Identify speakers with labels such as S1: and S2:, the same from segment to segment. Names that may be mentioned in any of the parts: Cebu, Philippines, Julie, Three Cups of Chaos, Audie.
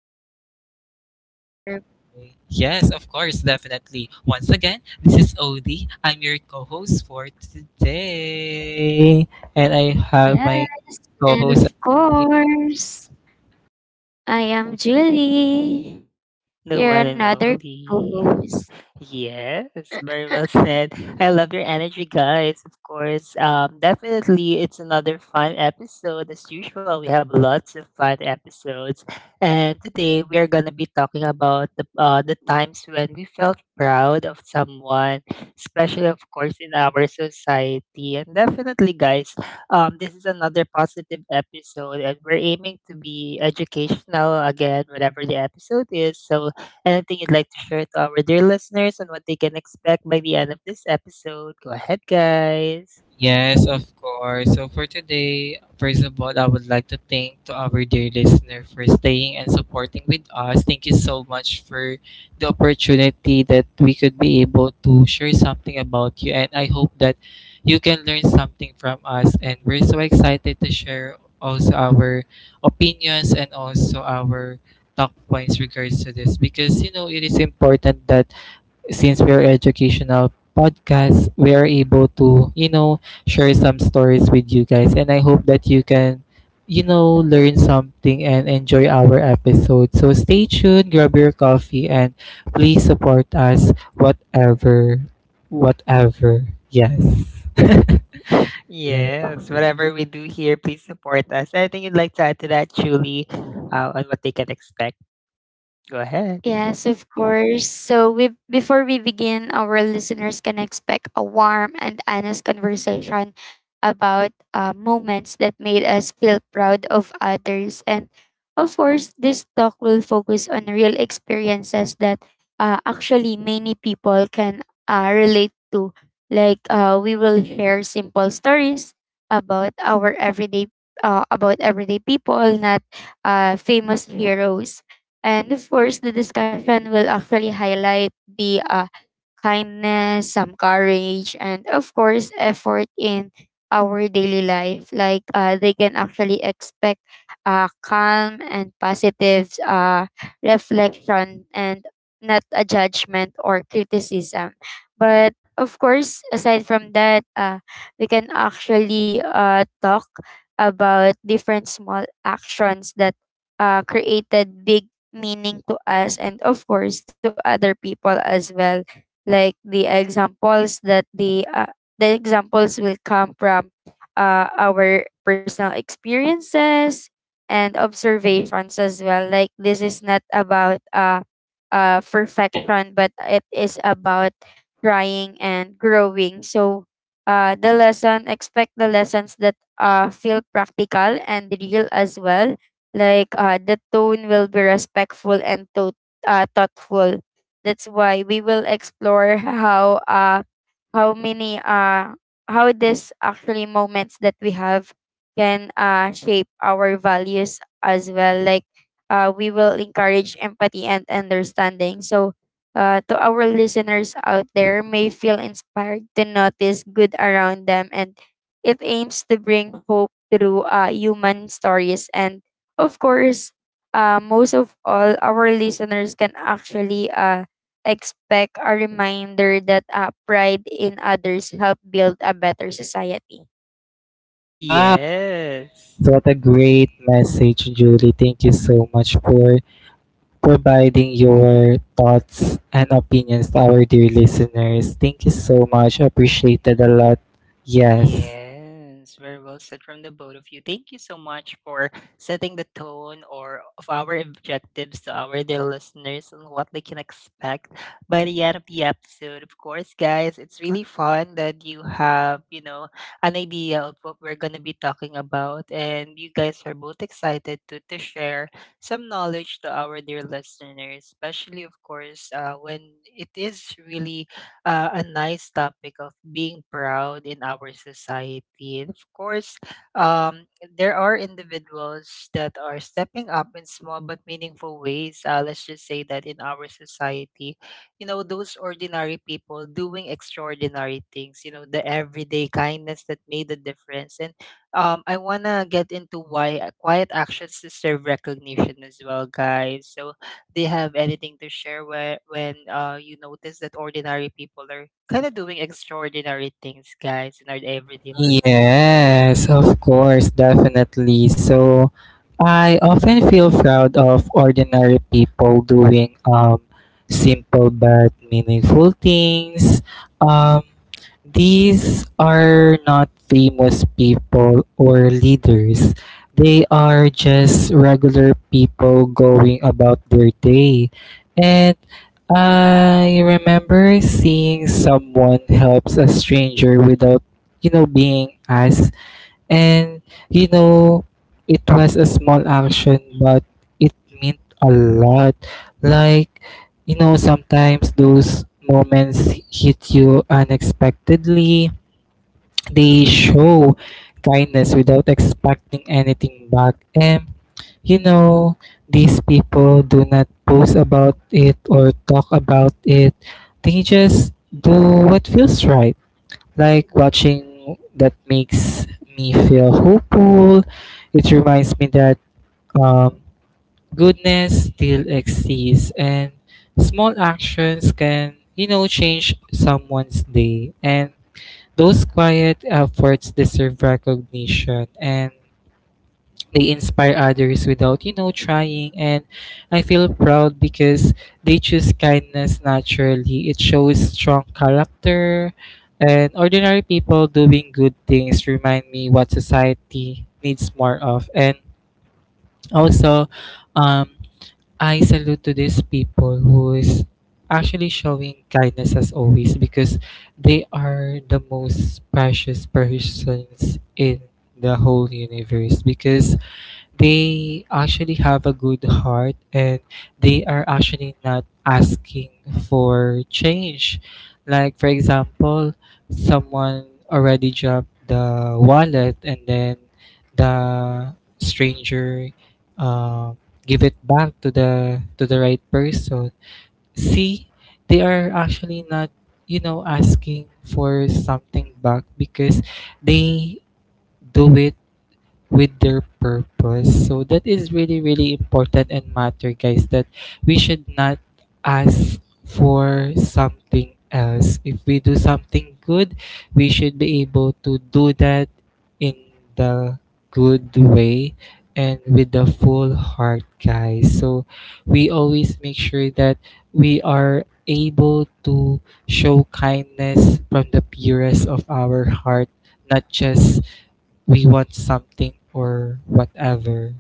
S1: I hope that
S2: yes, we're here.
S1: you Yes, of course, definitely. Once again, this is Odie. I'm your co-host for today, and I have
S2: Yes,
S1: my
S2: and
S1: co-host.
S2: of course, I am Julie,
S3: The
S2: your
S3: one and
S2: another
S3: only.
S2: co-host.
S3: Yes, very well said. I love your energy, guys. Of course, definitely, it's another fun episode. As usual, we have lots of fun episodes, and today we are gonna be talking about the times when we felt proud of someone, especially, of course, in our society. And definitely, guys, this is another positive episode, and we're aiming to be educational again, whatever the episode is. So anything you'd like to share to our dear listeners and what they can expect by the end of this episode? Go ahead, guys.
S1: Yes, of course. So for today, first of all, I would like to thank to our dear listener for staying and supporting with us. Thank you so much for the opportunity that we could be able to share something about you, and I hope that you can learn something from us, and we're so excited to share also our opinions and also our talk points regards to this because you know it is important that since we're educational podcast, we are able to, share some stories with you guys. And I hope that you can, learn something and enjoy our episode. So stay tuned, grab your coffee, and please support us whatever, whatever. Yes.
S3: Yes, whatever we do here, please support us. Anything you'd like to add to that, Julie, on what they can expect? Go ahead.
S2: Yes, of course. So we Before we begin, our listeners can expect a warm and honest conversation about moments that made us feel proud of others. And of course, this talk will focus on real experiences that actually many people can relate to. We will share simple stories about our everyday about everyday people, not famous heroes, and of course, the discussion will actually highlight the kindness, some courage, and of course, effort in our daily life. They can actually expect calm and positive reflection and not a judgment or criticism. But of course, aside from that, we can actually talk about different small actions that created big meaning to us and of course to other people as well, like the examples that the examples will come from our personal experiences and observations as well. Like this is not about perfection, but it is about trying and growing. So the lessons that feel practical and real as well, like the tone will be respectful and thoughtful. That's why we will explore how many uh how this actually moments that we have can shape our values as well. Like we will encourage empathy and understanding. So to our listeners out there, may feel inspired to notice good around them, and it aims to bring hope through human stories, and of course, most of all, our listeners can actually expect a reminder that pride in others help build a better society?
S1: Wow.
S3: Yes.
S1: What a great message, Julie. Thank you so much for providing your thoughts and opinions to our dear listeners. Thank you so much. Appreciated a lot. Yes.
S3: Yeah. Yes, very well said from the both of you. Thank you so much for setting the tone or of our objectives to our dear listeners and what they can expect by the end of the episode. Of course, guys, it's really fun that you have, you know, an idea of what we're gonna be talking about. And you guys are both excited to share some knowledge to our dear listeners, especially of course, when it is really a nice topic of being proud in our society. And of course, um, there are individuals that are stepping up in small but meaningful ways. Let's just say that in our society, you know, those ordinary people doing extraordinary things, you know, the everyday kindness that made a difference. And I want to get into why quiet actions deserve recognition as well, guys. So, they have anything to share when you notice that ordinary people are kind of doing extraordinary things, guys, in our everyday life.
S1: Yes, of course, definitely. So I often feel proud of ordinary people doing simple but meaningful things. Um, these are not famous people or leaders. They are just regular people going about their day. And I remember seeing someone helps a stranger without being asked. And, you know, it was a small action, but it meant a lot. Like, sometimes those moments hit you unexpectedly. They show kindness without expecting anything back. And, you know, these people do not post about it or talk about it. They just do what feels right, like watching that makes me feel hopeful. It reminds me that um, goodness still exists and small actions can, change someone's day. And those quiet efforts deserve recognition. And they inspire others without trying. And I feel proud because they choose kindness naturally. It shows strong character, and ordinary people doing good things remind me what society needs more of. And also, um I salute to these people who is actually showing kindness as always because they are the most precious persons in the whole universe because they actually have a good heart, and they are actually not asking for change. Like, for example, someone already dropped the wallet, and then the stranger um, give it back to the right person. See, they are actually not, asking for something back because they do it with their purpose. So that is really really important and matter, guys, that we should not ask for something else. If we do something good, we should be able to do that in the good way and with the full heart, guys. So we always make sure that we are able to show kindness from the purest of our heart, not just we want something or whatever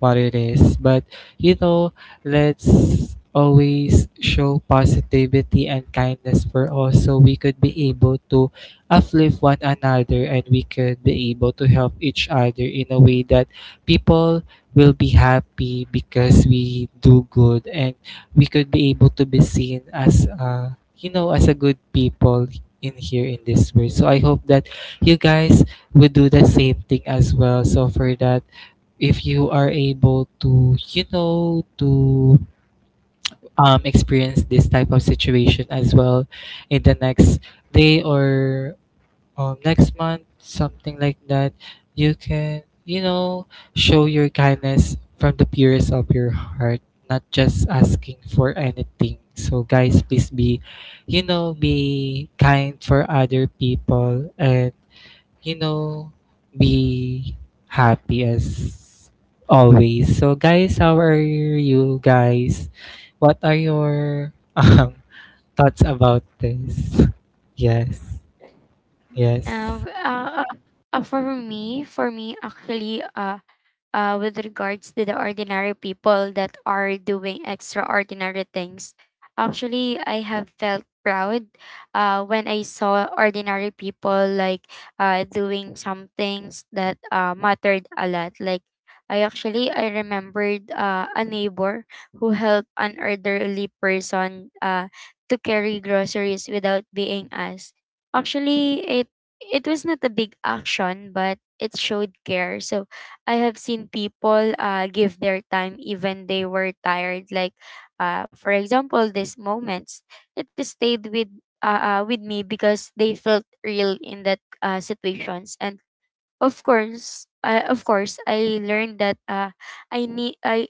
S1: what it is. But you know, let's always show positivity and kindness for us so we could be able to uplift one another, and we could be able to help each other in a way that people will be happy because we do good, and we could be able to be seen as as a good people in here in this way. So I hope that you guys would do the same thing as well. So for that, if you are able to experience this type of situation as well in the next day or next month, something like that, you can show your kindness from the purest of your heart, not just asking for anything. So guys, please be be kind for other people, and you know, be happy as always. So, guys, how are you guys? What are your thoughts about this? Yes,
S2: Uh,
S1: yes,
S2: uh, uh, for me actually, with regards to the ordinary people that are doing extraordinary things. Actually, I have felt proud when I saw ordinary people like doing some things that mattered a lot. Like I remembered a neighbor who helped an elderly person to carry groceries without being asked. Actually, it was not a big action, but it showed care. So I have seen people give their time even they were tired. Like, for example, these moments, it stayed with me because they felt real in that situations. And of course, I learned that I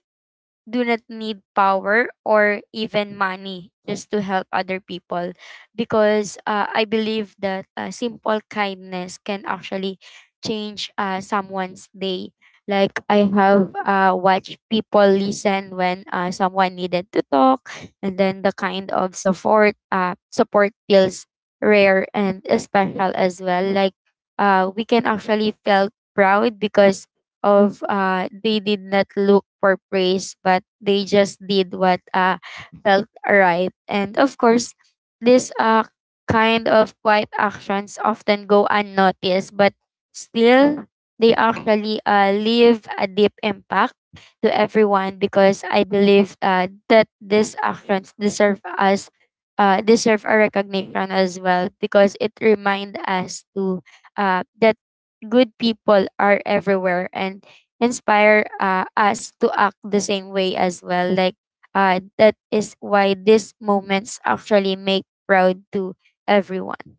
S2: do not need power or even money just to help other people, because I believe that simple kindness can actually change someone's day. Like I have watched people listen when someone needed to talk, and then the kind of support feels rare and special as well. Like we can actually felt proud because of they did not look for praise, but they just did what felt right. And of course, this kind of quiet actions often go unnoticed, but still, they actually leave a deep impact to everyone, because I believe that these actions deserve us. Deserve a recognition as well, because it remind us to that good people are everywhere and inspire us to act the same way as well. Like that is why these moments actually make proud to everyone.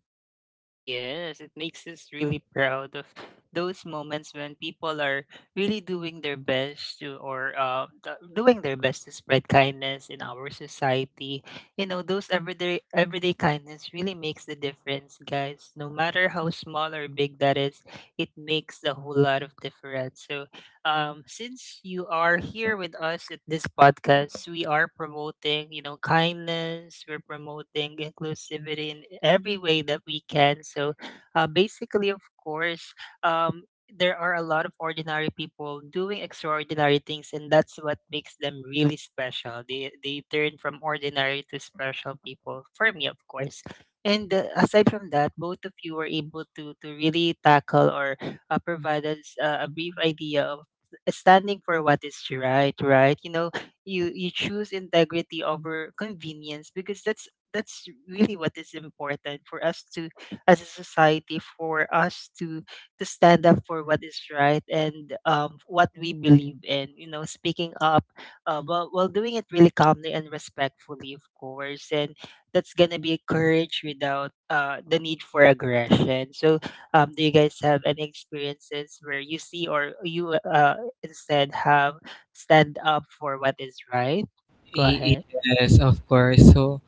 S3: Yes, it makes us really proud of those moments when people are really doing their best to, or doing their best to spread kindness in our society. You know, those everyday kindness really makes the difference, guys. No matter how small or big that is, it makes a whole lot of difference. So since you are here with us at this podcast, we are promoting, you know, kindness. We're promoting inclusivity in every way that we can. So, basically, of course, um, there are a lot of ordinary people doing extraordinary things, and that's what makes them really special. They turn from ordinary to special people. For me, of course. And aside from that, both of you were able to really tackle or provide us a brief idea of standing for what is right, right? You know, you choose integrity over convenience because that's really what is important for us to, as a society, for us to stand up for what is right, and what we believe in, you know, speaking up while doing it really calmly and respectfully, of course, and that's gonna be courage without the need for aggression. So do you guys have any experiences where you see or you instead have stand up for what is right? Go ahead.
S1: yes, of course. So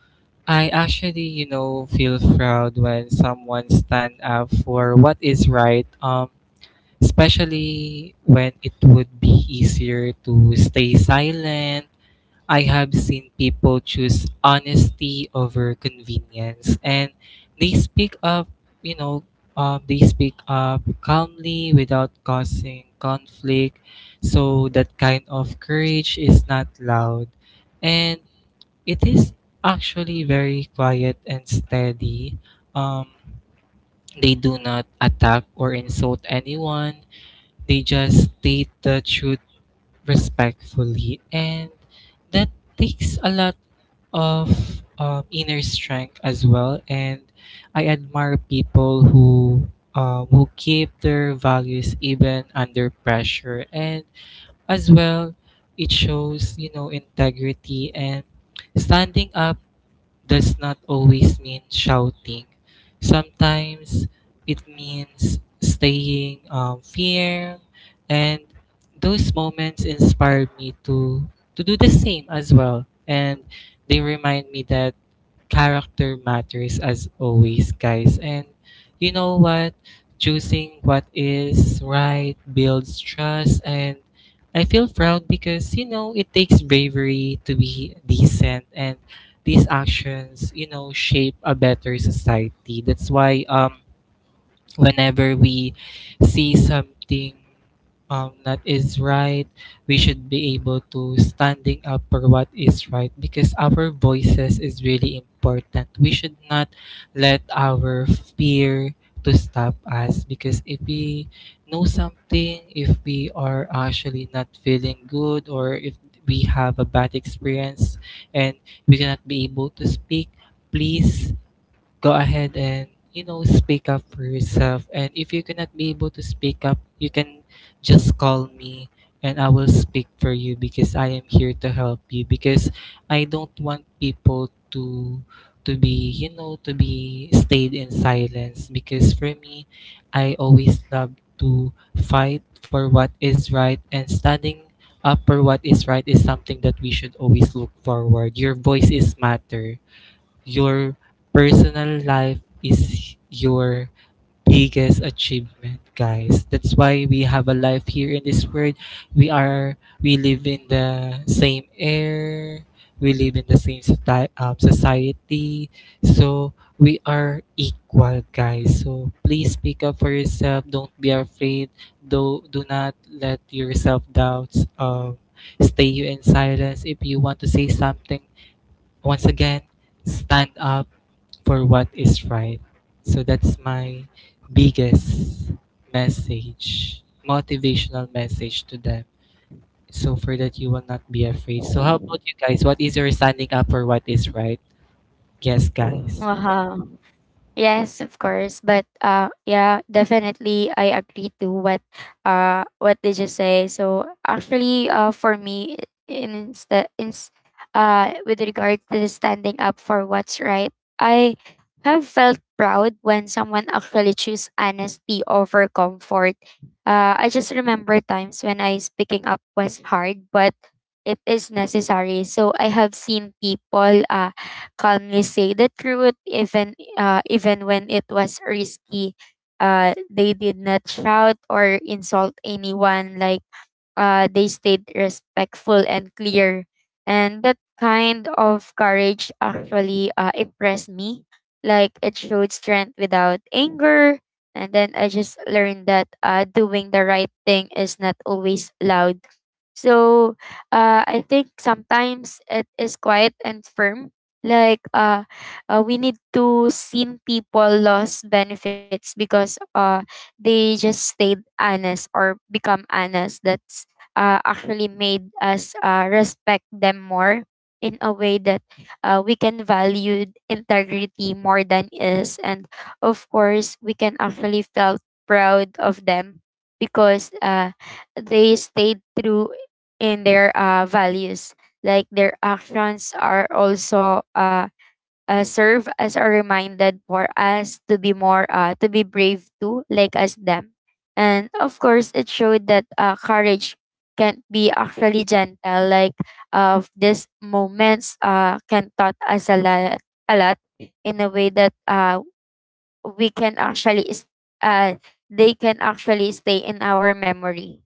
S1: I actually, feel proud when someone stand up for what is right. Especially when it would be easier to stay silent. I have seen people choose honesty over convenience, and they speak up, you know, they speak up calmly without causing conflict. So that kind of courage is not loud, and it is actually very quiet and steady. Um, they do not attack or insult anyone. They just state the truth respectfully, and that takes a lot of inner strength as well. And I admire people who keep their values even under pressure. And as well, it shows integrity, and standing up does not always mean shouting. Sometimes it means staying firm, and those moments inspire me to do the same as well. And they remind me that character matters as always, guys. And you know what? Choosing what is right builds trust. And I feel proud because, it takes bravery to be decent. And these actions, shape a better society. That's why, whenever we see something that is right, we should be able to standing up for what is right because our voices is really important. We should not let our fear to stop us because if we know something, if we are actually not feeling good or if we have a bad experience and we cannot be able to speak, please go ahead and speak up for yourself. And if you cannot be able to speak up, you can just call me, and I will speak for you because I am here to help you because I don't want people to be to be stayed in silence. Because for me, I always love to fight for what is right, and standing up for what is right is something that we should always look forward. Your voice is matter. Your personal life is your biggest achievement, guys. That's why we have a life here in this world. We live in the same air. We live in the same society. So we are equal, guys. So please speak up for yourself. Don't be afraid. Do not let yourself doubts stay you in silence. If you want to say something, once again, stand up for what is right. So that's my biggest message, motivational message to them. So for that, you will not be afraid. So how about you guys? What is your standing up for what is right? Yes, guys.
S2: Wow. Yes, of course. But yeah, definitely I agree to what did you say. So actually for me in insta- ins with regard to standing up for what's right, I have felt proud when someone actually choose honesty over comfort. I just remember times when I speaking up was hard, but it is necessary. So I have seen people calmly say the truth, even when it was risky. They did not shout or insult anyone. Like they stayed respectful and clear. And that kind of courage actually impressed me. Like it showed strength without anger. And then I just learned that doing the right thing is not always loud. So I think sometimes it is quiet and firm. Like we need to see people lost benefits because they just stayed honest or become honest. That's actually made us respect them more in a way that we can value integrity more than is, and of course we can actually felt proud of them because they stayed true in their values. Like their actions are also serve as a reminder for us to be more to be brave too, like as them, and of course it showed that courage can be actually gentle. Like of these moments can taught us a lot in a way that we can actually is- uh, they can actually stay in our memory.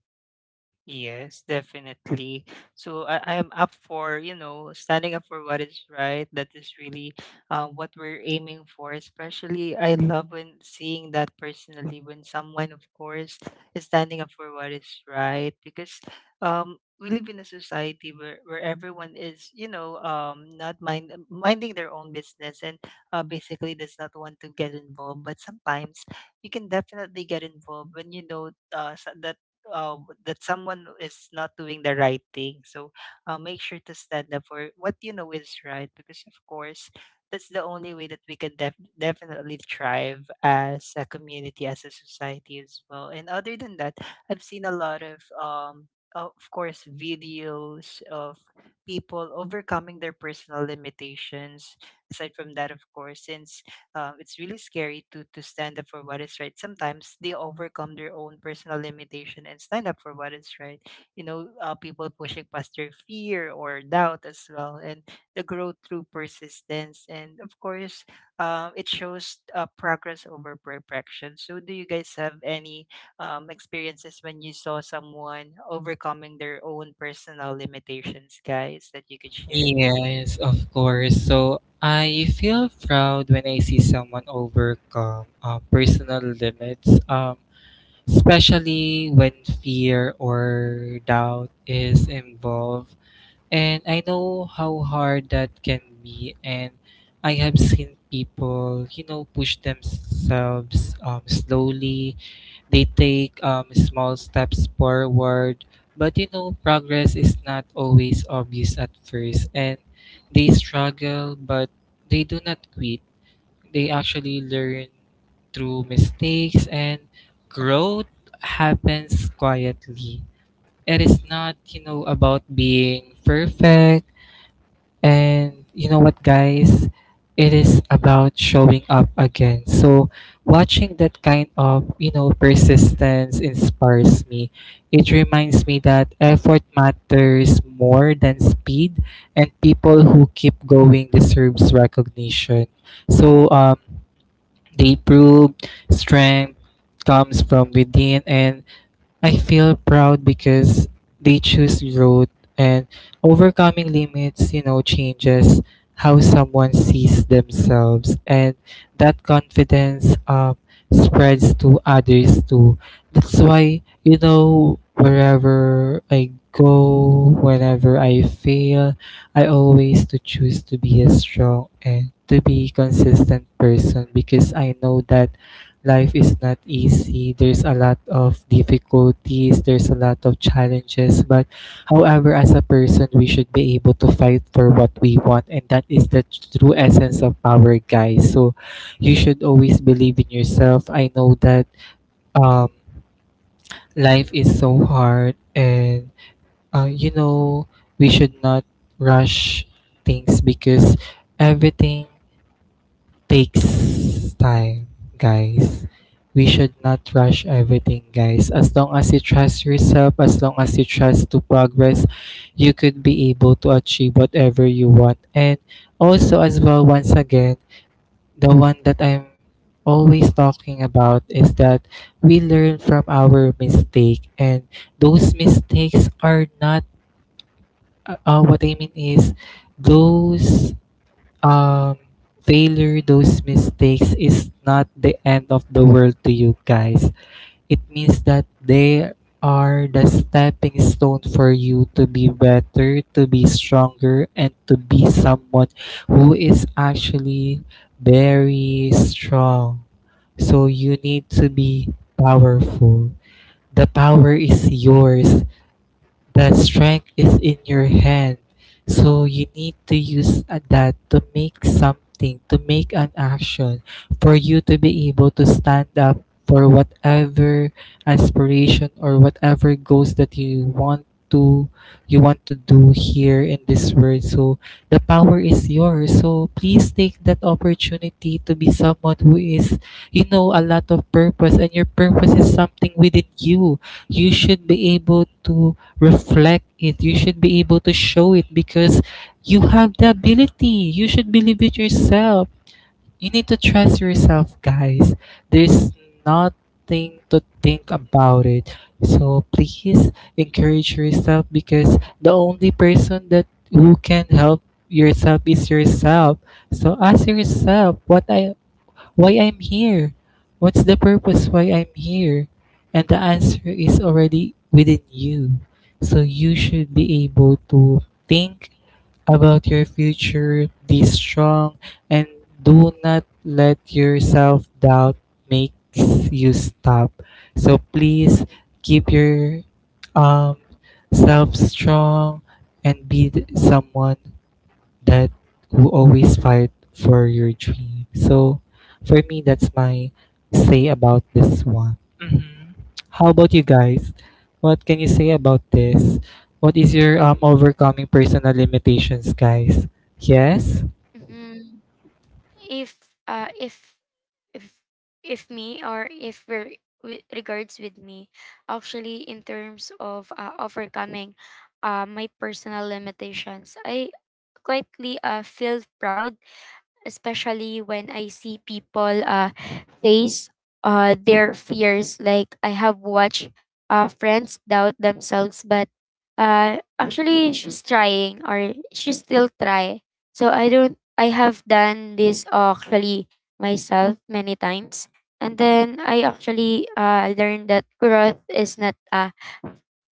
S3: Yes, definitely. So I'm up for, you know, standing up for what is right. That is really what we're aiming for. Especially, I love when seeing that personally when someone, of course, is standing up for what is right. Because we live in a society where everyone is, you know, not minding their own business and basically does not want to get involved. But sometimes you can definitely get involved when you know uh, s- that that someone is not doing the right thing. So make sure to stand up for what you know is right, because of course that's the only way that we can definitely thrive as a community, as a society as well. And other than that, I've seen a lot of course, videos of people overcoming their personal limitations. Aside from that, of course, since it's really scary to stand up for what is right. Sometimes they overcome their own personal limitation and stand up for what is right. You know, people pushing past their fear or doubt as well, and the growth through persistence. And of course, it shows progress over perfection. So, do you guys have any experiences when you saw someone overcoming their own personal limitations, guys, that you could share?
S1: Yes, of course. So I feel proud when I see someone overcome personal limits, especially when fear or doubt is involved. And I know how hard that can be. And I have seen people, push themselves slowly. They take small steps forward. But, progress is not always obvious at first. And they struggle, but they do not quit. They actually learn through mistakes, and growth happens quietly. It is not about being perfect. And you know what, guys? It is about showing up again. So watching that kind of, persistence inspires me. It reminds me that effort matters more than speed, and people who keep going deserves recognition. So, they prove strength comes from within, and I feel proud because they choose growth, and overcoming limits, changes how someone sees themselves. And that confidence spreads to others too. That's why, wherever I go, whenever I fail, I always to choose to be a strong and to be consistent person because I know that life is not easy. There's a lot of difficulties, there's a lot of challenges. But however, as a person, we should be able to fight for what we want. And that is the true essence of power, guys. So you should always believe in yourself. I know that um, life is so hard, and uh, you know, we should not rush things because everything takes time, guys. We should not rush everything, guys. As long as you trust yourself, as long as you trust to progress, you could be able to achieve whatever you want. And also, as well, once again, the one that I'm always talking about is that we learn from our mistake, and those mistakes are not what I mean is those um failure, those mistakes is not the end of the world to you, guys. It means that they are the stepping stone for you to be better, to be stronger, and to be someone who is actually very strong. So you need to be powerful. The power is yours. The strength is in your hand. So you need to use that to make something, to make an action, for you to be able to stand up for whatever aspiration or whatever goals that you want to do here in this world. So the power is yours. So please take that opportunity to be someone who is, a lot of purpose, and your purpose is something within you. You should be able to reflect it. You should be able to show it because you have the ability. You should believe it yourself. You need to trust yourself, guys. There's nothing to think about it. So please encourage yourself, because the only person that who can help yourself is yourself. So ask yourself what I why I'm here, what's the purpose why I'm here? And the answer is already within you. So you should be able to think about your future, be strong, and do not let your self doubt makes you stop. So please keep your um, self strong and be someone that will always fight for your dream. So for me, that's my say about this one. How about you guys? What can you say about this? What is your overcoming personal limitations, guys? Yes?
S2: Mm, if uh if if if me or if we're with regards with me actually in terms of overcoming my personal limitations, I quietly feel proud, especially when I see people face their fears. Like I have watched friends doubt themselves, but actually she's trying or she still try. So I don't. I have done this actually myself many times, and then I actually learned that growth is not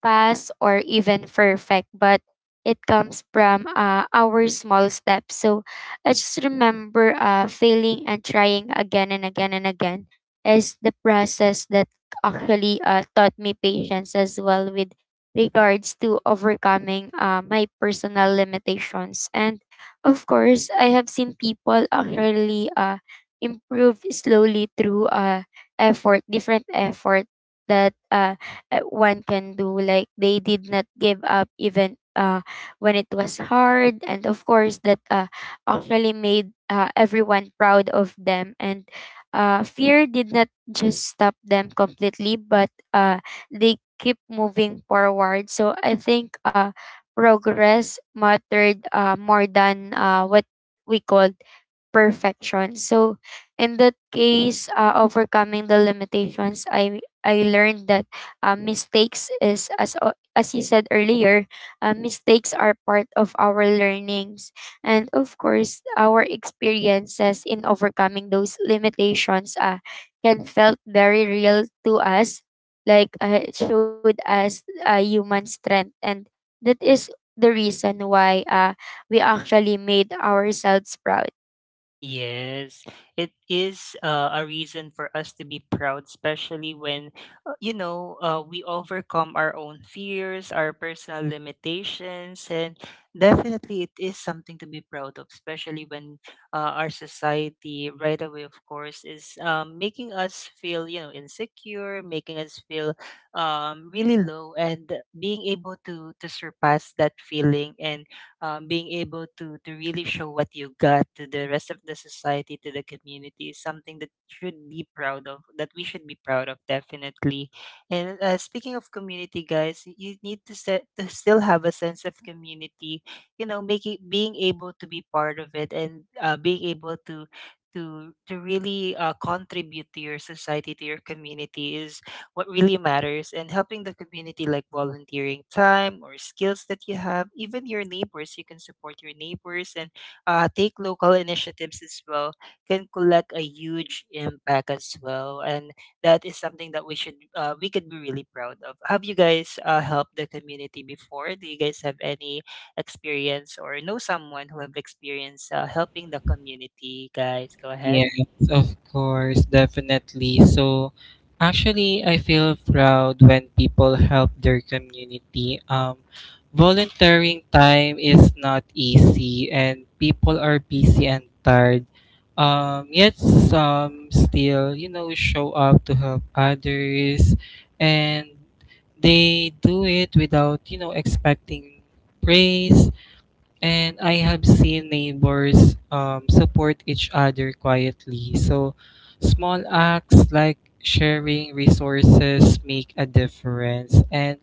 S2: fast or even perfect, but it comes from our small steps. So I just remember failing and trying again and again and again is the process that actually taught me patience as well with regards to overcoming my personal limitations. And of course, I have seen people actually improve slowly through effort, different effort that one can do. Like they did not give up even when it was hard, and of course that actually made everyone proud of them. And fear did not just stop them completely, but they keep moving forward. So I think progress mattered more than what we called perfection. So in that case, overcoming the limitations, I learned that mistakes is as o- as you said earlier, mistakes are part of our learnings, and of course, our experiences in overcoming those limitations can felt very real to us, like it showed us human strength, and that is the reason why we actually made ourselves proud.
S3: Yes, it is a reason for us to be proud, especially when, you know, we overcome our own fears, our personal limitations, and definitely it is something to be proud of, especially when our society, right away, of course, is making us feel, you know, insecure, making us feel really low, and being able to surpass that feeling and being able to really show what you got to the rest of the society, to the community, is something that should be proud of, that we should be proud of, definitely. And speaking of community, guys, you need to set to still have a sense of community, you know, making being able to be part of it, and being able to to really contribute to your society, to your community, is what really matters. And helping the community, like volunteering time or skills that you have, even your neighbors, you can support your neighbors, and take local initiatives as well, can collect a huge impact as well. And that is something that we should, we could be really proud of. Have you guys helped the community before? Do you guys have any experience or know someone who have experience helping the community, guys? Go ahead.
S1: Yes, of course, definitely. So, actually, I feel proud when people help their community. Volunteering time is not easy, and people are busy and tired. Yet some still, show up to help others, and they do it without, expecting praise. And I have seen neighbors support each other quietly. So, small acts like sharing resources make a difference. And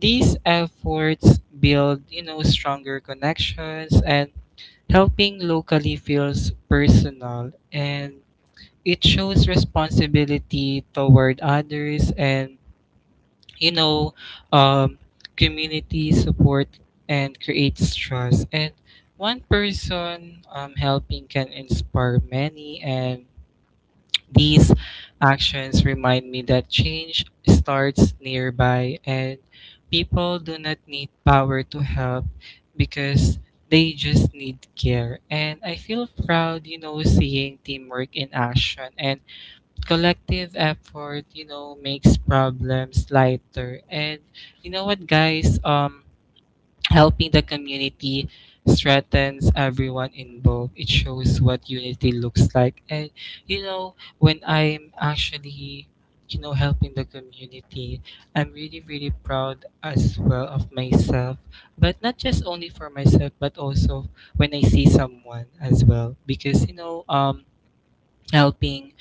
S1: these efforts build, stronger connections, and helping locally feels personal, and it shows responsibility toward others. And you know, um, community support and creates trust. And one person helping can inspire many. And these actions remind me that change starts nearby, and people do not need power to help because they just need care. And I feel proud, seeing teamwork in action. And collective effort, makes problems lighter. And you know what, guys? Helping the community strengthens everyone involved. It shows what unity looks like. And you know, when I'm actually you know helping the community, I'm really really proud as well of myself, but not just only for myself, but also when I see someone as well, because helping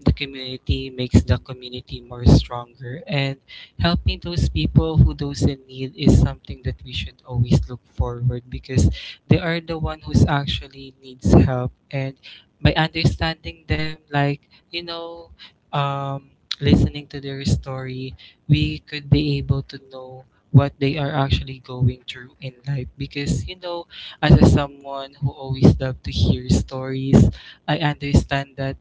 S1: the community makes the community more stronger, and helping those people who those in need is something that we should always look forward, because they are the one who's actually needs help. And by understanding them, like, you know um, listening to their story, we could be able to know what they are actually going through in life, because you know, as a someone who always love to hear stories, I understand that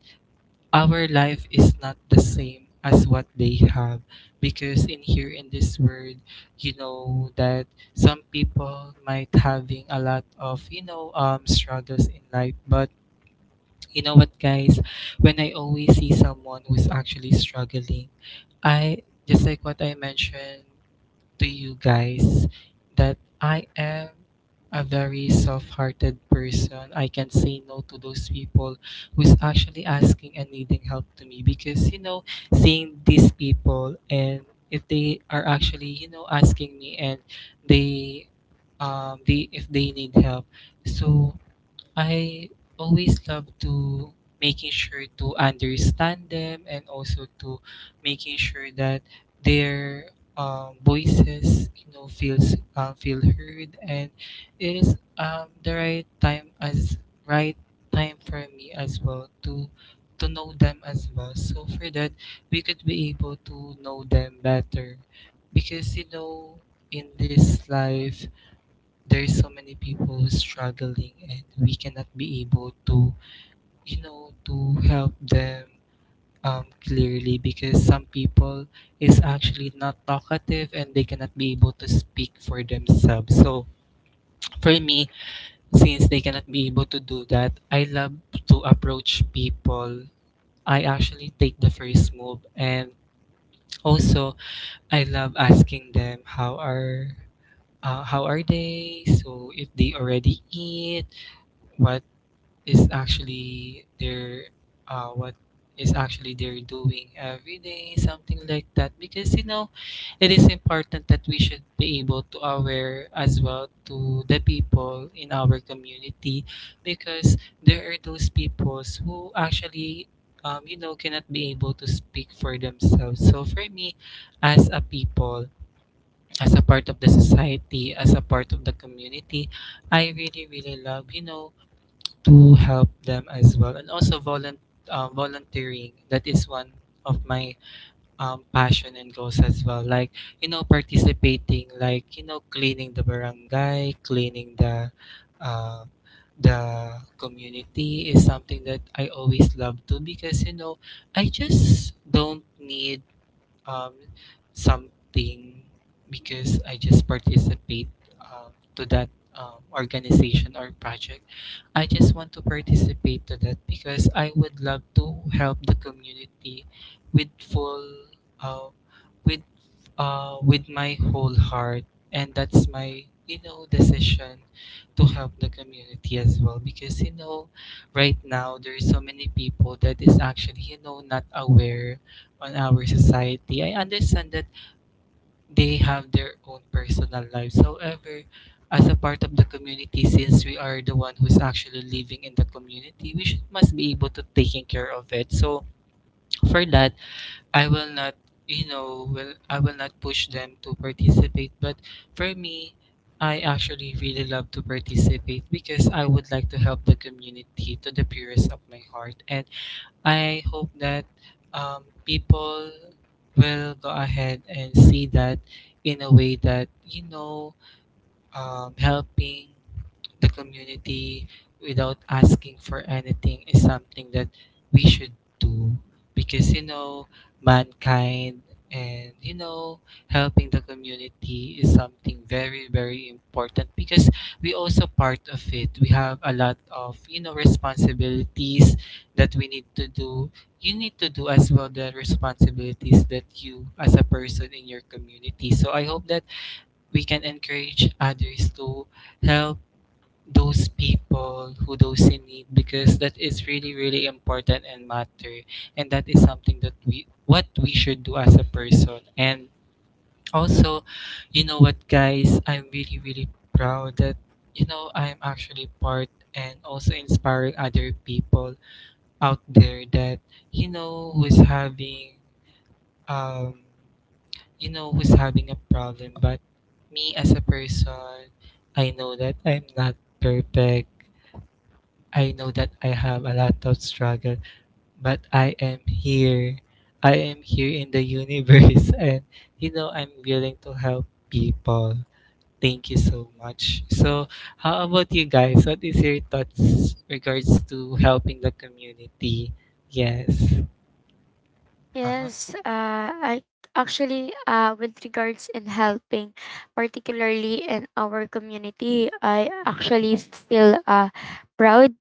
S1: our life is not the same as what they have, because in here in this world, you know that some people might having a lot of struggles in life. But you know what, guys, when I always see someone who's actually struggling, I just like what I mentioned to you guys, that I am a very soft hearted person. I can say no to those people who's actually asking and needing help to me because, you know, seeing these people, and if they are actually, you know, asking me, and they they if they need help. So I always love to making sure to understand them, and also to making sure that their voices you know feel heard. And it is the right time, as right time for me as well to know them as well, so for that we could be able to know them better. Because you know, in this life, there's so many people who's struggling, and we cannot be able to, you know, to help them clearly, because some people is actually not talkative and they cannot be able to speak for themselves. So for me, since they cannot be able to do that, I love to approach people. I actually take the first move, and also I love asking them how are they, so if they already eat, what is actually their, what is actually they're doing every day, something like that. Because you know, it is important that we should be able to aware as well to the people in our community, because there are those peoples who actually, you know, cannot be able to speak for themselves. So for me, as a people, as a part of the society, as a part of the community, I really really love, you know, to help them as well. And also volunteering, that is one of my passion and goals as well, like, you know, participating, like, you know, cleaning the barangay, cleaning uh, the community is something that I always love to. Because you know, I just don't need um, something, because I just participate to that organization or project. I just want to participate to that because I would love to help the community with full, uh, with, with my whole heart, and that's my, you know, decision to help the community as well. Because you know, right now there's so many people that is actually, you know, not aware on our society. I understand that they have their own personal lives. However, as a part of the community, since we are the one who's actually living in the community, we should, must be able to taking care of it. So for that, I will not, you know, will I will not push them to participate. But for me, I actually really love to participate, because I would like to help the community to the purest of my heart. And I hope that people will go ahead and see that, in a way that, you know, helping the community without asking for anything is something that we should do. Because you know, mankind, and you know, helping the community is something very very important, because we also part of it. We have a lot of, you know, responsibilities that we need to do, you need to do as well, the responsibilities that you as a person in your community. So I hope that we can encourage others to help those people who those in need, because that is really really important and matter, and that is something that we what we should do as a person. And also, you know what, guys, I'm really really proud that, you know, I'm actually part and also inspiring other people out there that, you know, who is having um you know, who's having a problem. But me as a person, I know that I'm not perfect. I know that I have a lot of struggle, but I am here. I am here in the universe and you know, I'm willing to help people. Thank you so much. So how about you guys, what is your thoughts regards to helping the community? Yes. Uh-huh.
S2: Yes, I actually with regards in helping, particularly in our community, I actually feel proud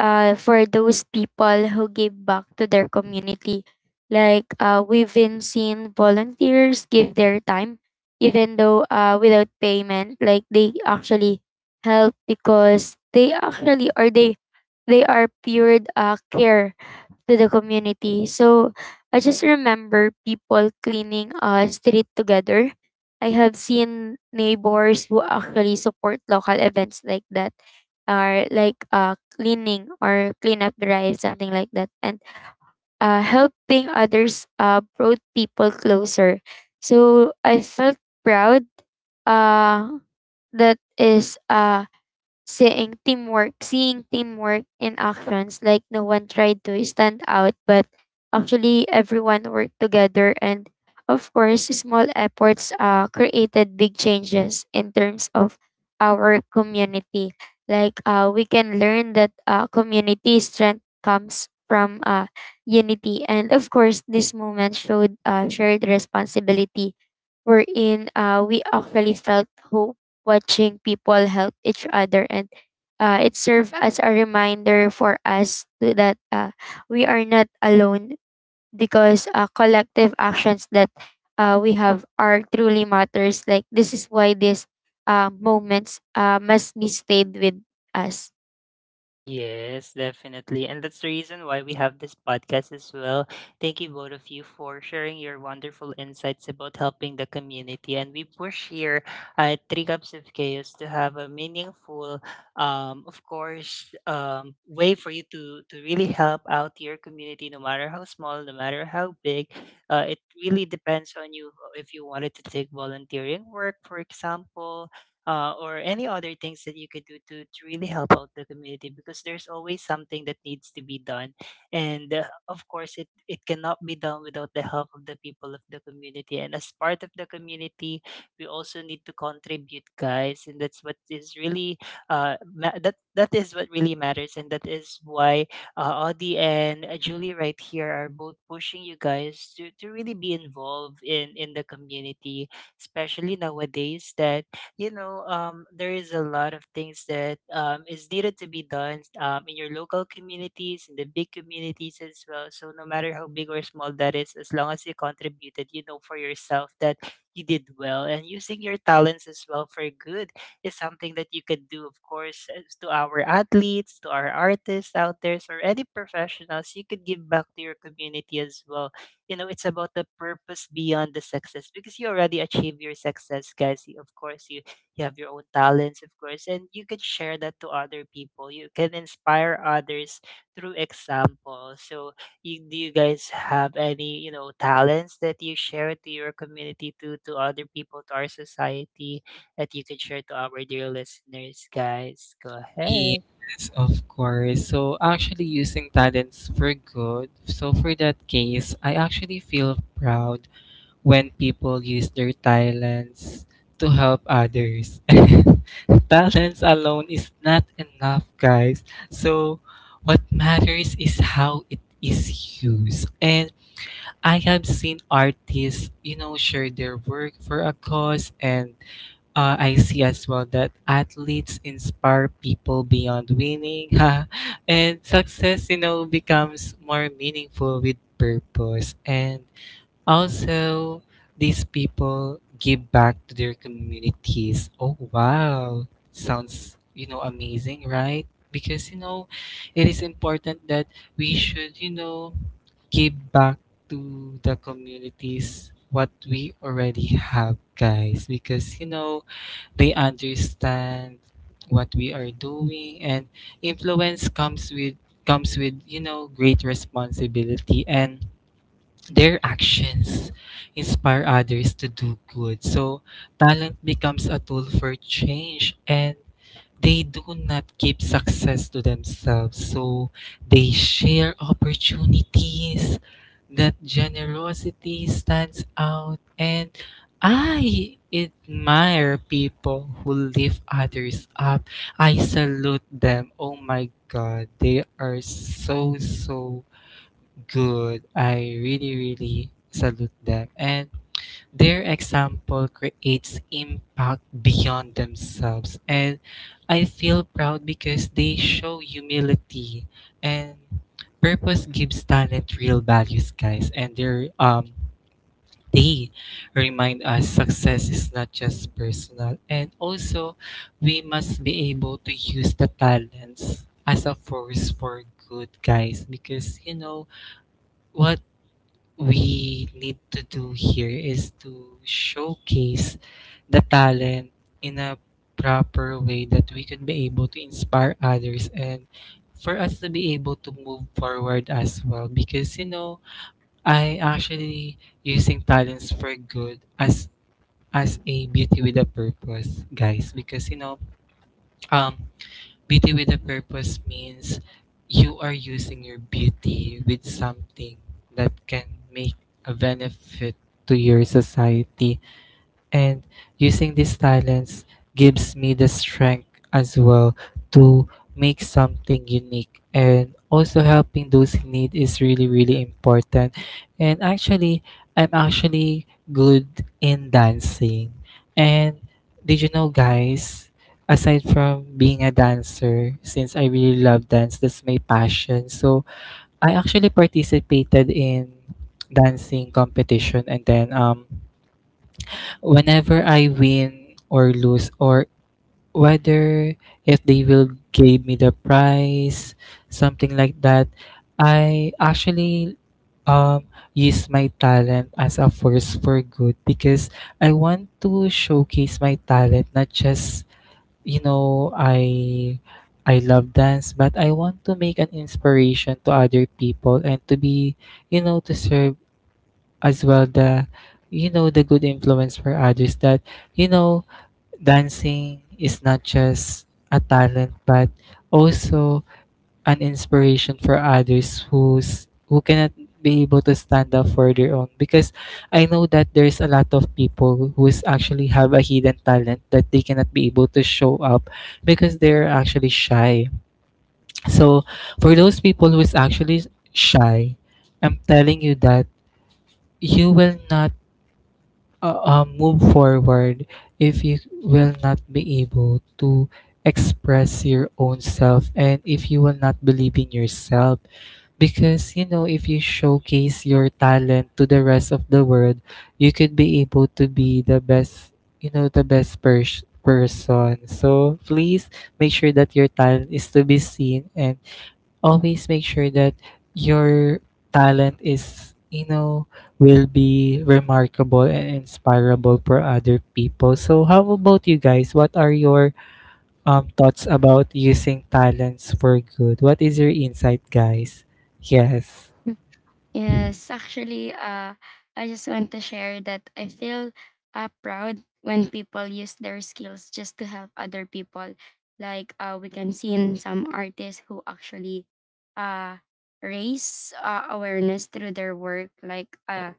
S2: for those people who give back to their community. Like we've been seeing volunteers give their time, even though without payment, like they actually help because they are pure care to the community. So I just remember people cleaning a street together. I have seen neighbors who actually support local events like that, or like cleaning or cleanup drive, something like that, and helping others brought people closer. So I felt proud uh, that is seeing teamwork in actions. Like no one tried to stand out, but actually everyone worked together, and of course small efforts created big changes in terms of our community. Like we can learn that community strength comes from unity, and of course this moment showed shared responsibility, wherein we actually felt hope watching people help each other, and it served as a reminder for us to, that we are not alone, because collective actions that we have are truly matters. Like this is why these moments must be stayed with us.
S3: Yes, definitely. And that's the reason why we have this podcast as well. Thank you, both of you, for sharing your wonderful insights about helping the community. And we push here at Three Cups of Chaos to have a meaningful, of course, way for you to really help out your community, no matter how small, no matter how big. It really depends on you if you wanted to take volunteering work, for example, or any other things that you could do to really help out the community because there's always something that needs to be done, and of course it cannot be done without the help of the people of the community, and as part of the community we also need to contribute, guys. And that's what is really that that is what really matters, and that is why Audie and Julie right here are both pushing you guys to really be involved in the community, especially nowadays that you know, there is a lot of things that is needed to be done in your local communities, in the big communities as well. So no matter how big or small that is, as long as you contributed, you know, for yourself that you did well, and using your talents as well for good is something that you could do, of course, as to our athletes, to our artists out there, or any professionals. You could give back to your community as well. You know, it's about the purpose beyond the success because you already achieve your success, guys. Of course, you have your own talents, of course, and you can share that to other people. You can inspire others through example. So, you, do you guys have any, you know, talents that you share to your community, to other people, to our society, that you can share to our dear listeners, guys? Go ahead.
S1: Yes, of course. So actually using talents for good. So for that case, I actually feel proud when people use their talents to help others. Talents alone is not enough, guys. So what matters is how it is used. And I have seen artists, you know, share their work for a cause. And I see as well that athletes inspire people beyond winning, ha, and success, you know, becomes more meaningful with purpose. And also, these people give back to their communities. Oh, wow! Sounds, you know, amazing, right? Because, you know, it is important that we should, you know, give back to the communities what we already have, guys. Because, you know, they understand what we are doing, and influence comes with you know great responsibility, and their actions inspire others to do good. So talent becomes a tool for change, and they do not keep success to themselves. So they share opportunities. That generosity stands out. And I admire people who lift others up. I salute them. Oh my God. They are so, so good. I really, really salute them. And their example creates impact beyond themselves, and I feel proud because they show humility, and purpose gives talent real values, guys. And they remind us success is not just personal, and also we must be able to use the talents as a force for good, guys. Because you know what, we need to do here is to showcase the talent in a proper way that we could be able to inspire others, and for us to be able to move forward as well. Because you know I actually using talents for good as a beauty with a purpose, guys. Because um beauty with a purpose means you are using your beauty with something that can make a benefit to your society, and using these talents gives me the strength as well to make something unique. And also, helping those in need is really, really important. And actually, I'm actually good in dancing. And did you know, guys, aside from being a dancer, since I really love dance, that's my passion, so I actually participated in dancing competition. And then whenever I win or lose, or whether if they will give me the prize, something like that, I actually um use my talent as a force for good because I want to showcase my talent, not just you know, I I love dance, but I want to make an inspiration to other people and to be, you know, to serve as well the, you know, the good influence for others, that, you know, dancing is not just a talent but also an inspiration for others who's who cannot be able to stand up for their own. Because I know that there's a lot of people who is actually have a hidden talent that they cannot be able to show up because they're actually shy. So for those people who is actually shy, I'm telling you that you will not move forward if you will not be able to express your own self, and if you will not believe in yourself. Because you know, if you showcase your talent to the rest of the world, you could be able to be the best, you know, the best person. So please make sure that your talent is to be seen, and always make sure that your talent is, you know, will be remarkable and inspirable for other people. So how about you, guys? What are your thoughts about using talents for good? What is your insight, guys? Yes.
S2: Yes, actually, I just want to share that I feel proud when people use their skills just to help other people. Like we can see in some artists who actually uh, raise awareness through their work. Like uh,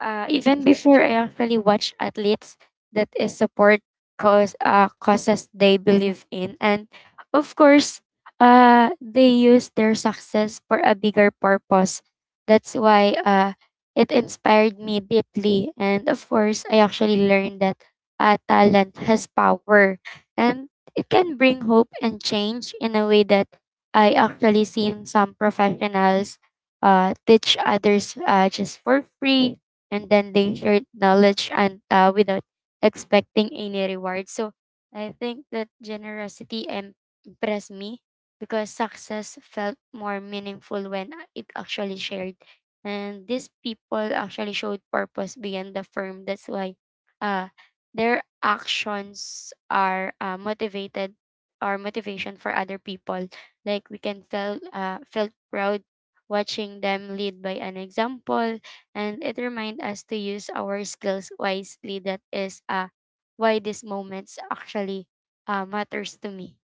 S2: uh, even before I actually watch athletes that is support causes they believe in, and of course, they use their success for a bigger purpose. That's why it inspired me deeply, and of course, I actually learned that talent has power, and it can bring hope and change in a way that I actually seen some professionals teach others just for free, and then they shared knowledge and without expecting any reward. So I think that impressed me because success felt more meaningful when it actually shared. And these people actually showed purpose beyond the firm. That's why uh, their actions are motivated or motivation for other people. Like we can feel felt proud watching them lead by an example, and it reminds us to use our skills wisely. That is why these moments actually matters to me.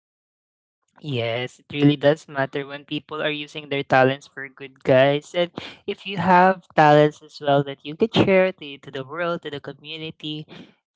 S3: Yes, it really does matter when people are using their talents for good, guys. And if you have talents as well that you could share to the world, to the community,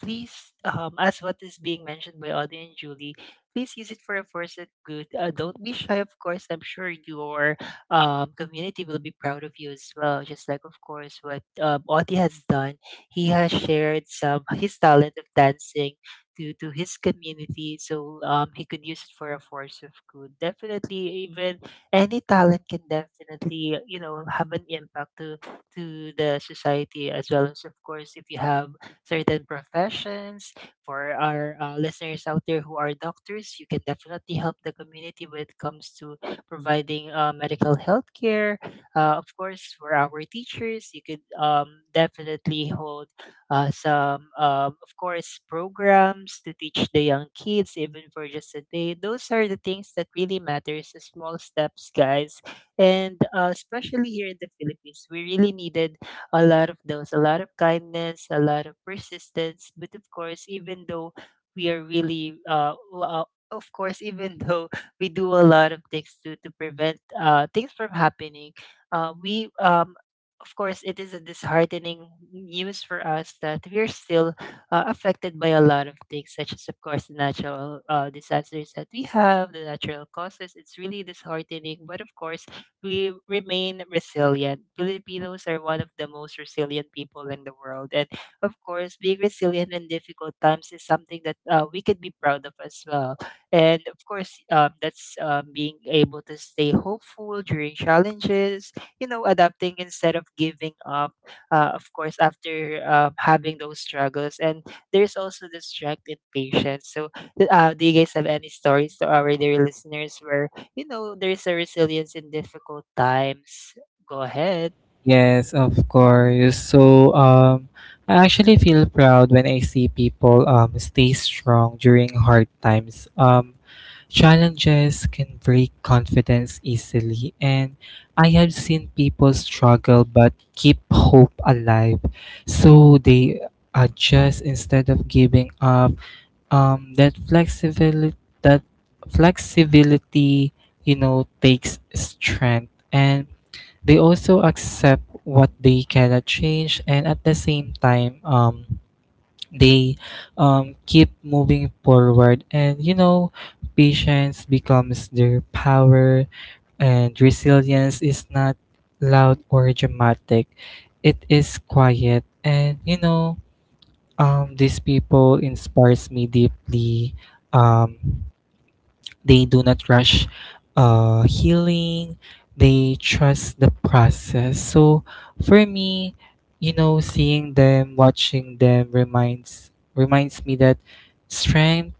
S3: please, as what is being mentioned by Audie and Julie, please use it for a force of good. Don't be shy, of course. I'm sure your community will be proud of you as well. Just like, of course, what Audie has done. He has shared some his talent of dancing to his community, so he could use it for a force of good. Definitely, even any talent can definitely have an impact to the society as well. As of course, if you have certain professions, for our listeners out there who are doctors, you can definitely help the community when it comes to providing medical health care. Of course, for our teachers, you could definitely hold of course, programs to teach the young kids, even for just a day. Those are the things that really matters, the small steps, guys. And especially here in the Philippines, we really needed a lot of those, a lot of kindness, a lot of persistence. But of course, even though we are really, w- of course, even though we do a lot of things to prevent things from happening, we of course, it is a disheartening news for us that we're still affected by a lot of things, such as, of course, the natural disasters that we have, the natural causes. It's really disheartening, but of course, we remain resilient. Filipinos are one of the most resilient people in the world. And of course, being resilient in difficult times is something that we could be proud of as well. And of course, that's being able to stay hopeful during challenges, adapting instead of giving up, of course, after having those struggles. And there's also the strength in patience. So do you guys have any stories to our dear listeners where, there's a resilience in difficult times? Go ahead.
S1: Yes, of course. So I actually feel proud when I see people stay strong during hard times. Challenges can break confidence easily, and I have seen people struggle but keep hope alive. So they adjust instead of giving up. Um, that flexibility, that flexibility, you know, takes strength, and they also accept what they cannot change. And at the same time, they keep moving forward. And you know, patience becomes their power, and resilience is not loud or dramatic, it is quiet. And you know, these people inspires me deeply. um, they do not rush healing. They trust the process. So for me, you know, seeing them, watching them reminds me that strength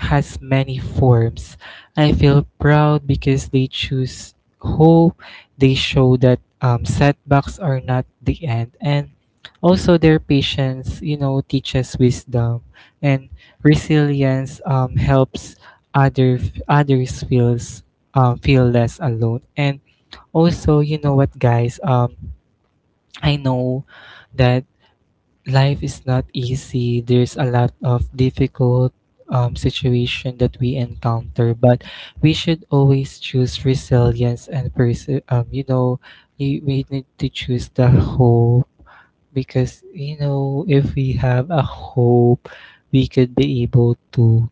S1: has many forms. I feel proud because they choose hope. They show that setbacks are not the end, and also their patience, you know, teaches wisdom. And resilience helps other others feel less alone. And also, you know what, guys, I know that life is not easy. There's a lot of difficult situation that we encounter, but we should always choose resilience and you know, we need to choose the hope. Because you know, if we have a hope, we could be able to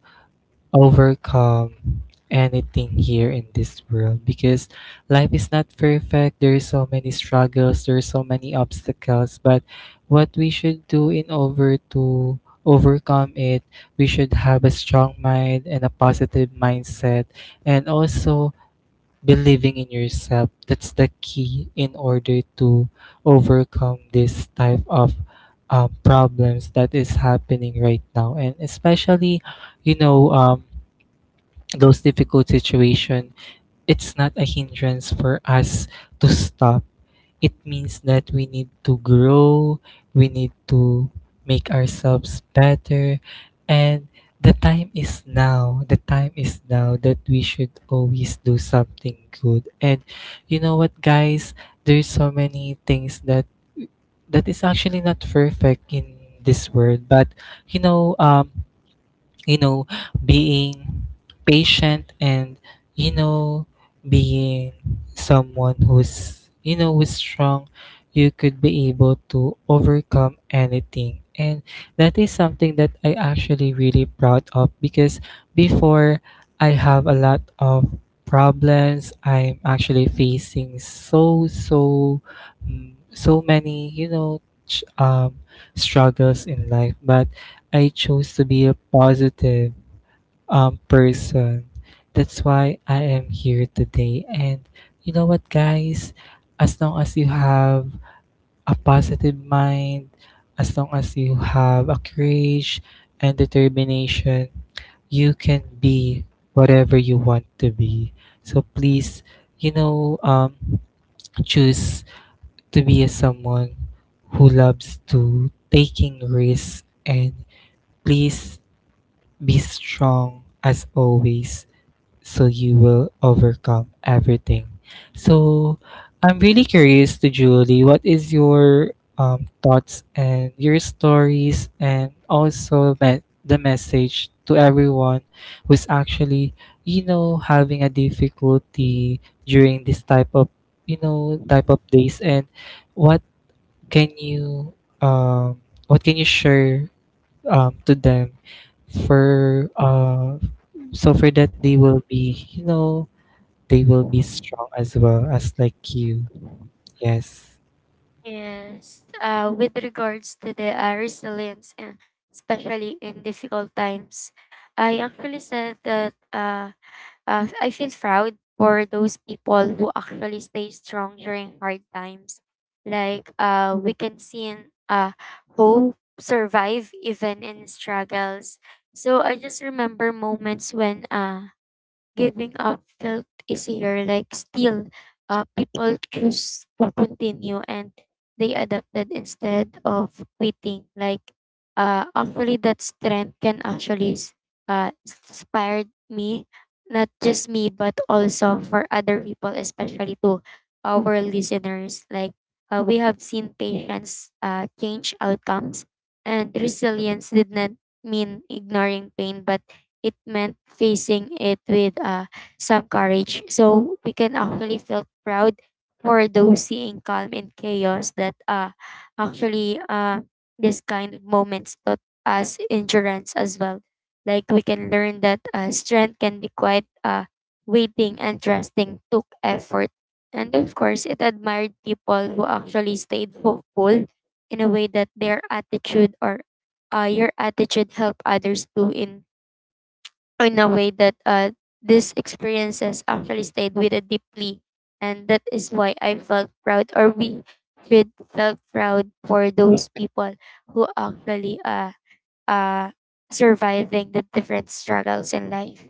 S1: overcome anything here in this world. Because life is not perfect, there is so many struggles, there are so many obstacles. But what we should do in order to overcome it, we should have a strong mind and a positive mindset, and also believing in yourself. That's the key in order to overcome this type of problems that is happening right now. And especially, you know, those difficult situations, it's not a hindrance for us to stop. It means that we need to grow, we need to make ourselves better, and the time is now. The time is now that we should always do something good. And you know what, guys? There's so many things that that is actually not perfect in this world, but you know, um, you know, being patient, and, you know, being someone who's, you know, who's strong, you could be able to overcome anything. And that is something that I actually really proud of. Because before, I have a lot of problems I'm actually facing, so so many, you know, struggles in life, but I chose to be a positive person. That's why I am here today. And you know what, guys? As long as you have a positive mind, as long as you have a courage and determination, you can be whatever you want to be. So please, you know, choose to be a someone who loves to taking risks, and please be strong as always, so you will overcome everything. So I'm really curious to Julie, what is your thoughts and your stories, and also the message to everyone who's actually, you know, having a difficulty during this type of, you know, type of days, and what can you, um, what can you share to them for so for that they will be, you know, they will be strong as well, as like you. Yes.
S2: Yes, with regards to the resilience, and especially in difficult times, I actually said that I feel proud for those people who actually stay strong during hard times. Like we can see in hope survive even in struggles. So I just remember moments when giving up felt easier, like still, people choose to continue, and they adapted instead of quitting. Like, actually, that strength can inspire me, not just me, but also for other people, especially to our listeners. Like, we have seen patients change outcomes, and resilience did not mean ignoring pain, but it meant facing it with some courage. So we can actually feel proud for those seeing calm in chaos that actually this kind of moments taught us endurance as well. Like we can learn that strength can be quite waiting and trusting took effort. And of course, it admired people who actually stayed hopeful in a way that their attitude or your attitude help others too, in a way that these experiences actually stayed with it deeply. And that is why I felt proud, or we should felt proud for those people who actually uh, surviving the different struggles in life.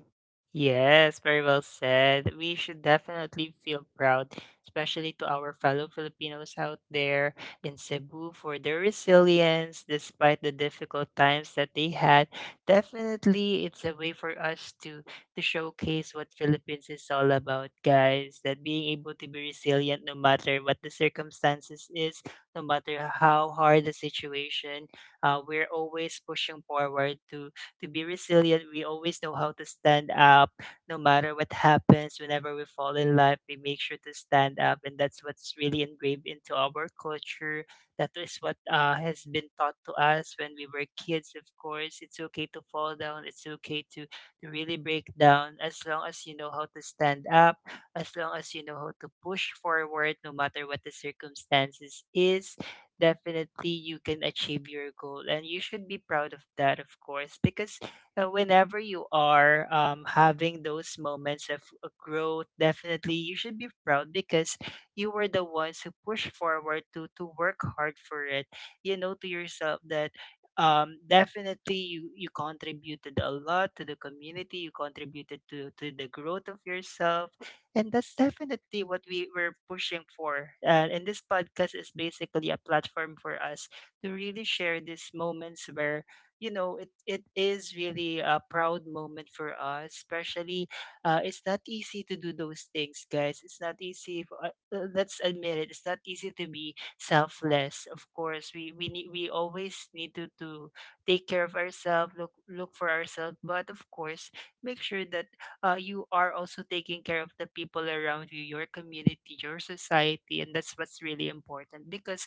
S3: Yes, very well said. We should definitely feel proud, especially to our fellow Filipinos out there in Cebu for their resilience despite the difficult times that they had. Definitely, it's a way for us to showcase what Philippines is all about, guys. That being able to be resilient no matter what the circumstances is, no matter how hard the situation, we're always pushing forward to be resilient. We always know how to stand up no matter what happens. Whenever we fall in life, we make sure to stand up. And that's what's really engraved into our culture. That is what has been taught to us when we were kids, of course. It's okay to fall down, it's okay to really break down, as long as you know how to stand up, as long as you know how to push forward no matter what the circumstances is. Definitely, you can achieve your goal and you should be proud of that, of course, because whenever you are having those moments of growth, definitely you should be proud because you were the ones who push forward to work hard for it. You know to yourself that definitely you contributed a lot to the community, you contributed to the growth of yourself. And that's definitely what we were pushing for. And this podcast is basically a platform for us to really share these moments where, you know, it is really a proud moment for us. Especially it's not easy to do those things, guys. It's not easy. Let's admit it. It's not easy to be selfless. Of course, we always need to take care of ourselves, look for ourselves, but of course, make sure that you are also taking care of the people around you, your community, your society. And that's what's really important, because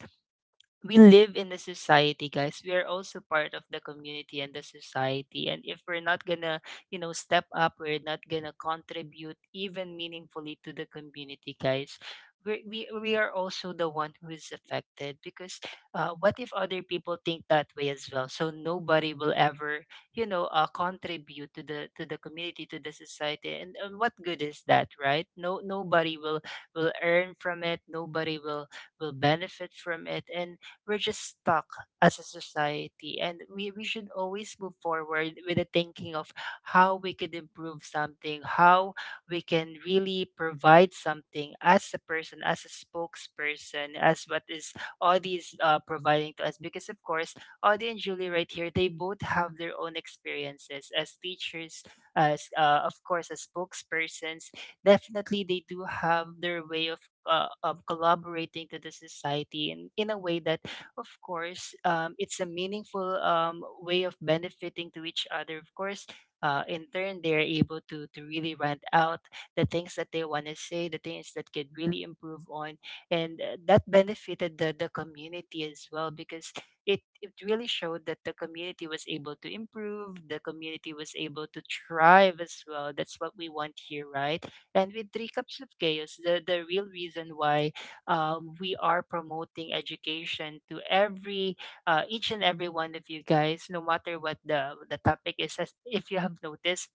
S3: we live in the society, guys. We are also part of the community and the society, and if we're not gonna, step up, we're not gonna contribute even meaningfully to the community, guys. We are also the one who is affected, because what if other people think that way as well? So nobody will ever, contribute to the community, to the society. And what good is that, right? No, nobody will earn from it, nobody will benefit from it, and we're just stuck as a society. And we should always move forward with the thinking of how we could improve something, how we can really provide something as a person, as a spokesperson, as what is Audi is providing to us. Because, of course, Audi and Julie right here, they both have their own experiences as teachers, as of course, as spokespersons. Definitely, they do have their way of collaborating to the society, in a way that, of course, it's a meaningful way of benefiting to each other. Of course, in turn, they are able to really rant out the things that they want to say, the things that could really improve on. And that benefited the community as well, because it really showed that the community was able to improve, the community was able to thrive as well. That's what we want here, right? And with Three Cups of Chaos, the real reason why we are promoting education to every each and every one of you guys, no matter what the topic is. As if you have noticed,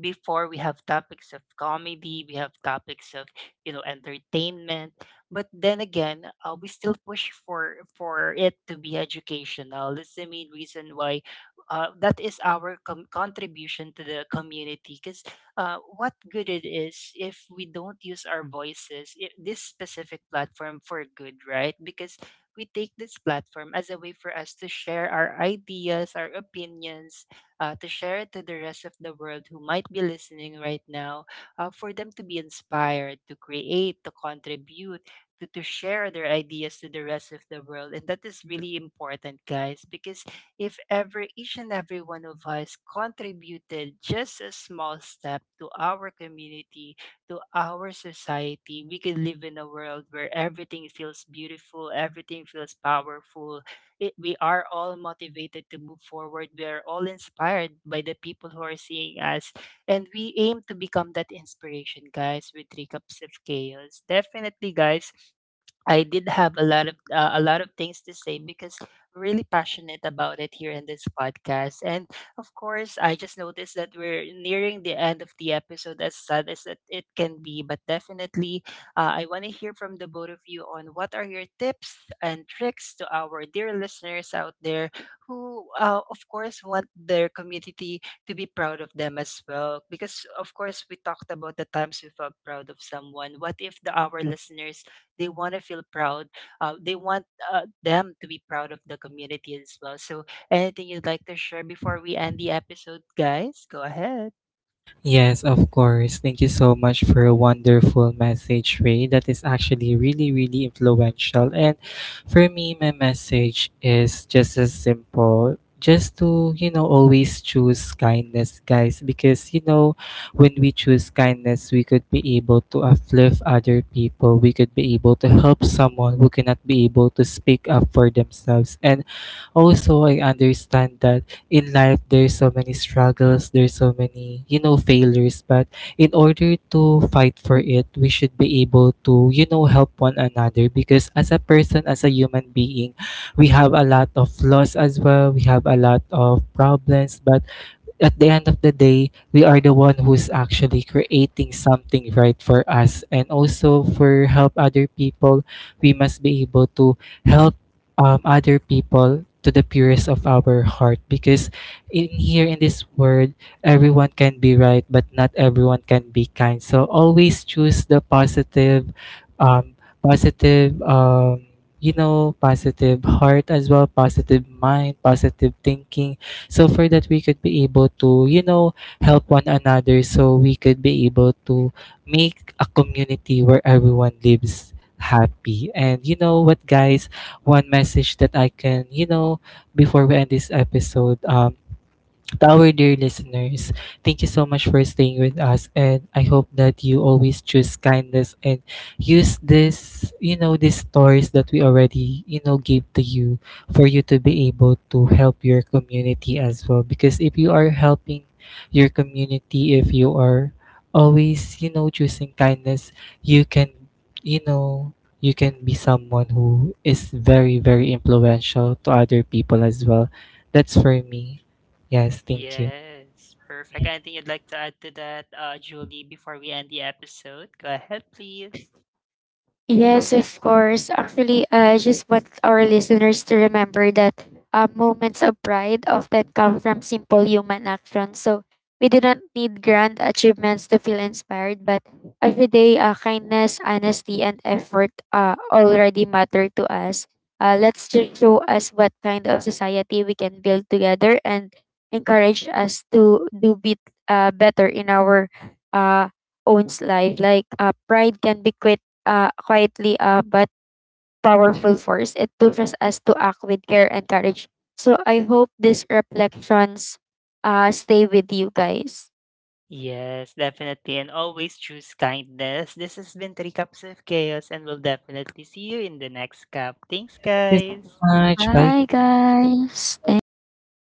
S3: before we have topics of comedy, we have topics of, entertainment, but then again, we still push for it to be educational. That's the main reason why, that is our contribution to the community, because what good it is if we don't use our voices I this specific platform for good, right? Because we take this platform as a way for us to share our ideas, our opinions, to share it to the rest of the world who might be listening right now, for them to be inspired, to create, to contribute, to share their ideas to the rest of the world. And that is really important, guys, because if ever each and every one of us contributed just a small step to our community, to our society, we can live in a world where everything feels beautiful, everything feels powerful. We are all motivated to move forward. We are all inspired by the people who are seeing us. And we aim to become that inspiration, guys, with Three Cups of Chaos. Definitely, guys. I did have a lot of things to say, because I'm really passionate about it here in this podcast. And of course, I just noticed that we're nearing the end of the episode, as sad as it can be, but definitely, I want to hear from the both of you on what are your tips and tricks to our dear listeners out there, who of course, want their community to be proud of them as well. Because, of course, we talked about the times we felt proud of someone. What if the our listeners, they want to feel proud? They want them to be proud of the community as well. So, anything you'd like to share before we end the episode, guys? Go ahead.
S1: Yes, of course. Thank you so much for a wonderful message, Ray. That is actually really, really influential. And for me, my message is just as simple. Just to, you know, always choose kindness, guys. Because, you know, when we choose kindness, we could be able to uplift other people. We could be able to help someone who cannot be able to speak up for themselves. And also, I understand that in life there's so many struggles, there's so many, you know, failures, but in order to fight for it, we should be able to, you know, help one another. Because as a person, as a human being, we have a lot of flaws as well, we have a lot of problems. But at the end of the day, we are the one who's actually creating something right for us. And also for help other people, we must be able to help other people to the purest of our heart. Because in here in this world, everyone can be right but not everyone can be kind. So always choose the positive, um positive um you know, positive heart as well, positive mind, positive thinking. So for that we could be able to, you know, help one another, so we could be able to make a community where everyone lives happy. And you know what, guys, one message that I can, you know, before we end this episode, to our dear listeners, thank you so much for staying with us, and I hope that you always choose kindness and use this, you know, these stories that we already, you know, gave to you, for you to be able to help your community as well. Because if you are helping your community, if you are always, you know, choosing kindness, you can, you know, you can be someone who is very, very influential to other people as well. That's for me. Yes, thank you.
S3: Yes, perfect. Anything you'd like to add to that, Julie, before we end the episode? Go ahead, please.
S2: Yes, of course. Actually, I just want our listeners to remember that moments of pride often come from simple human actions. So we do not need grand achievements to feel inspired, but every day, kindness, honesty, and effort already matter to us. Let's just show us what kind of society we can build together and encourage us to do bit, better in our uh, owns life. Like pride can be quite quietly but powerful force. It pushes us to act with care and courage. So I hope these reflections stay with you guys.
S3: Yes, definitely. And always choose kindness. This has been Three Cups of Chaos, and we'll definitely see you in the next cup. Thanks,
S1: Thank you so
S3: guys.
S1: much. Bye.
S2: Bye guys. Thanks.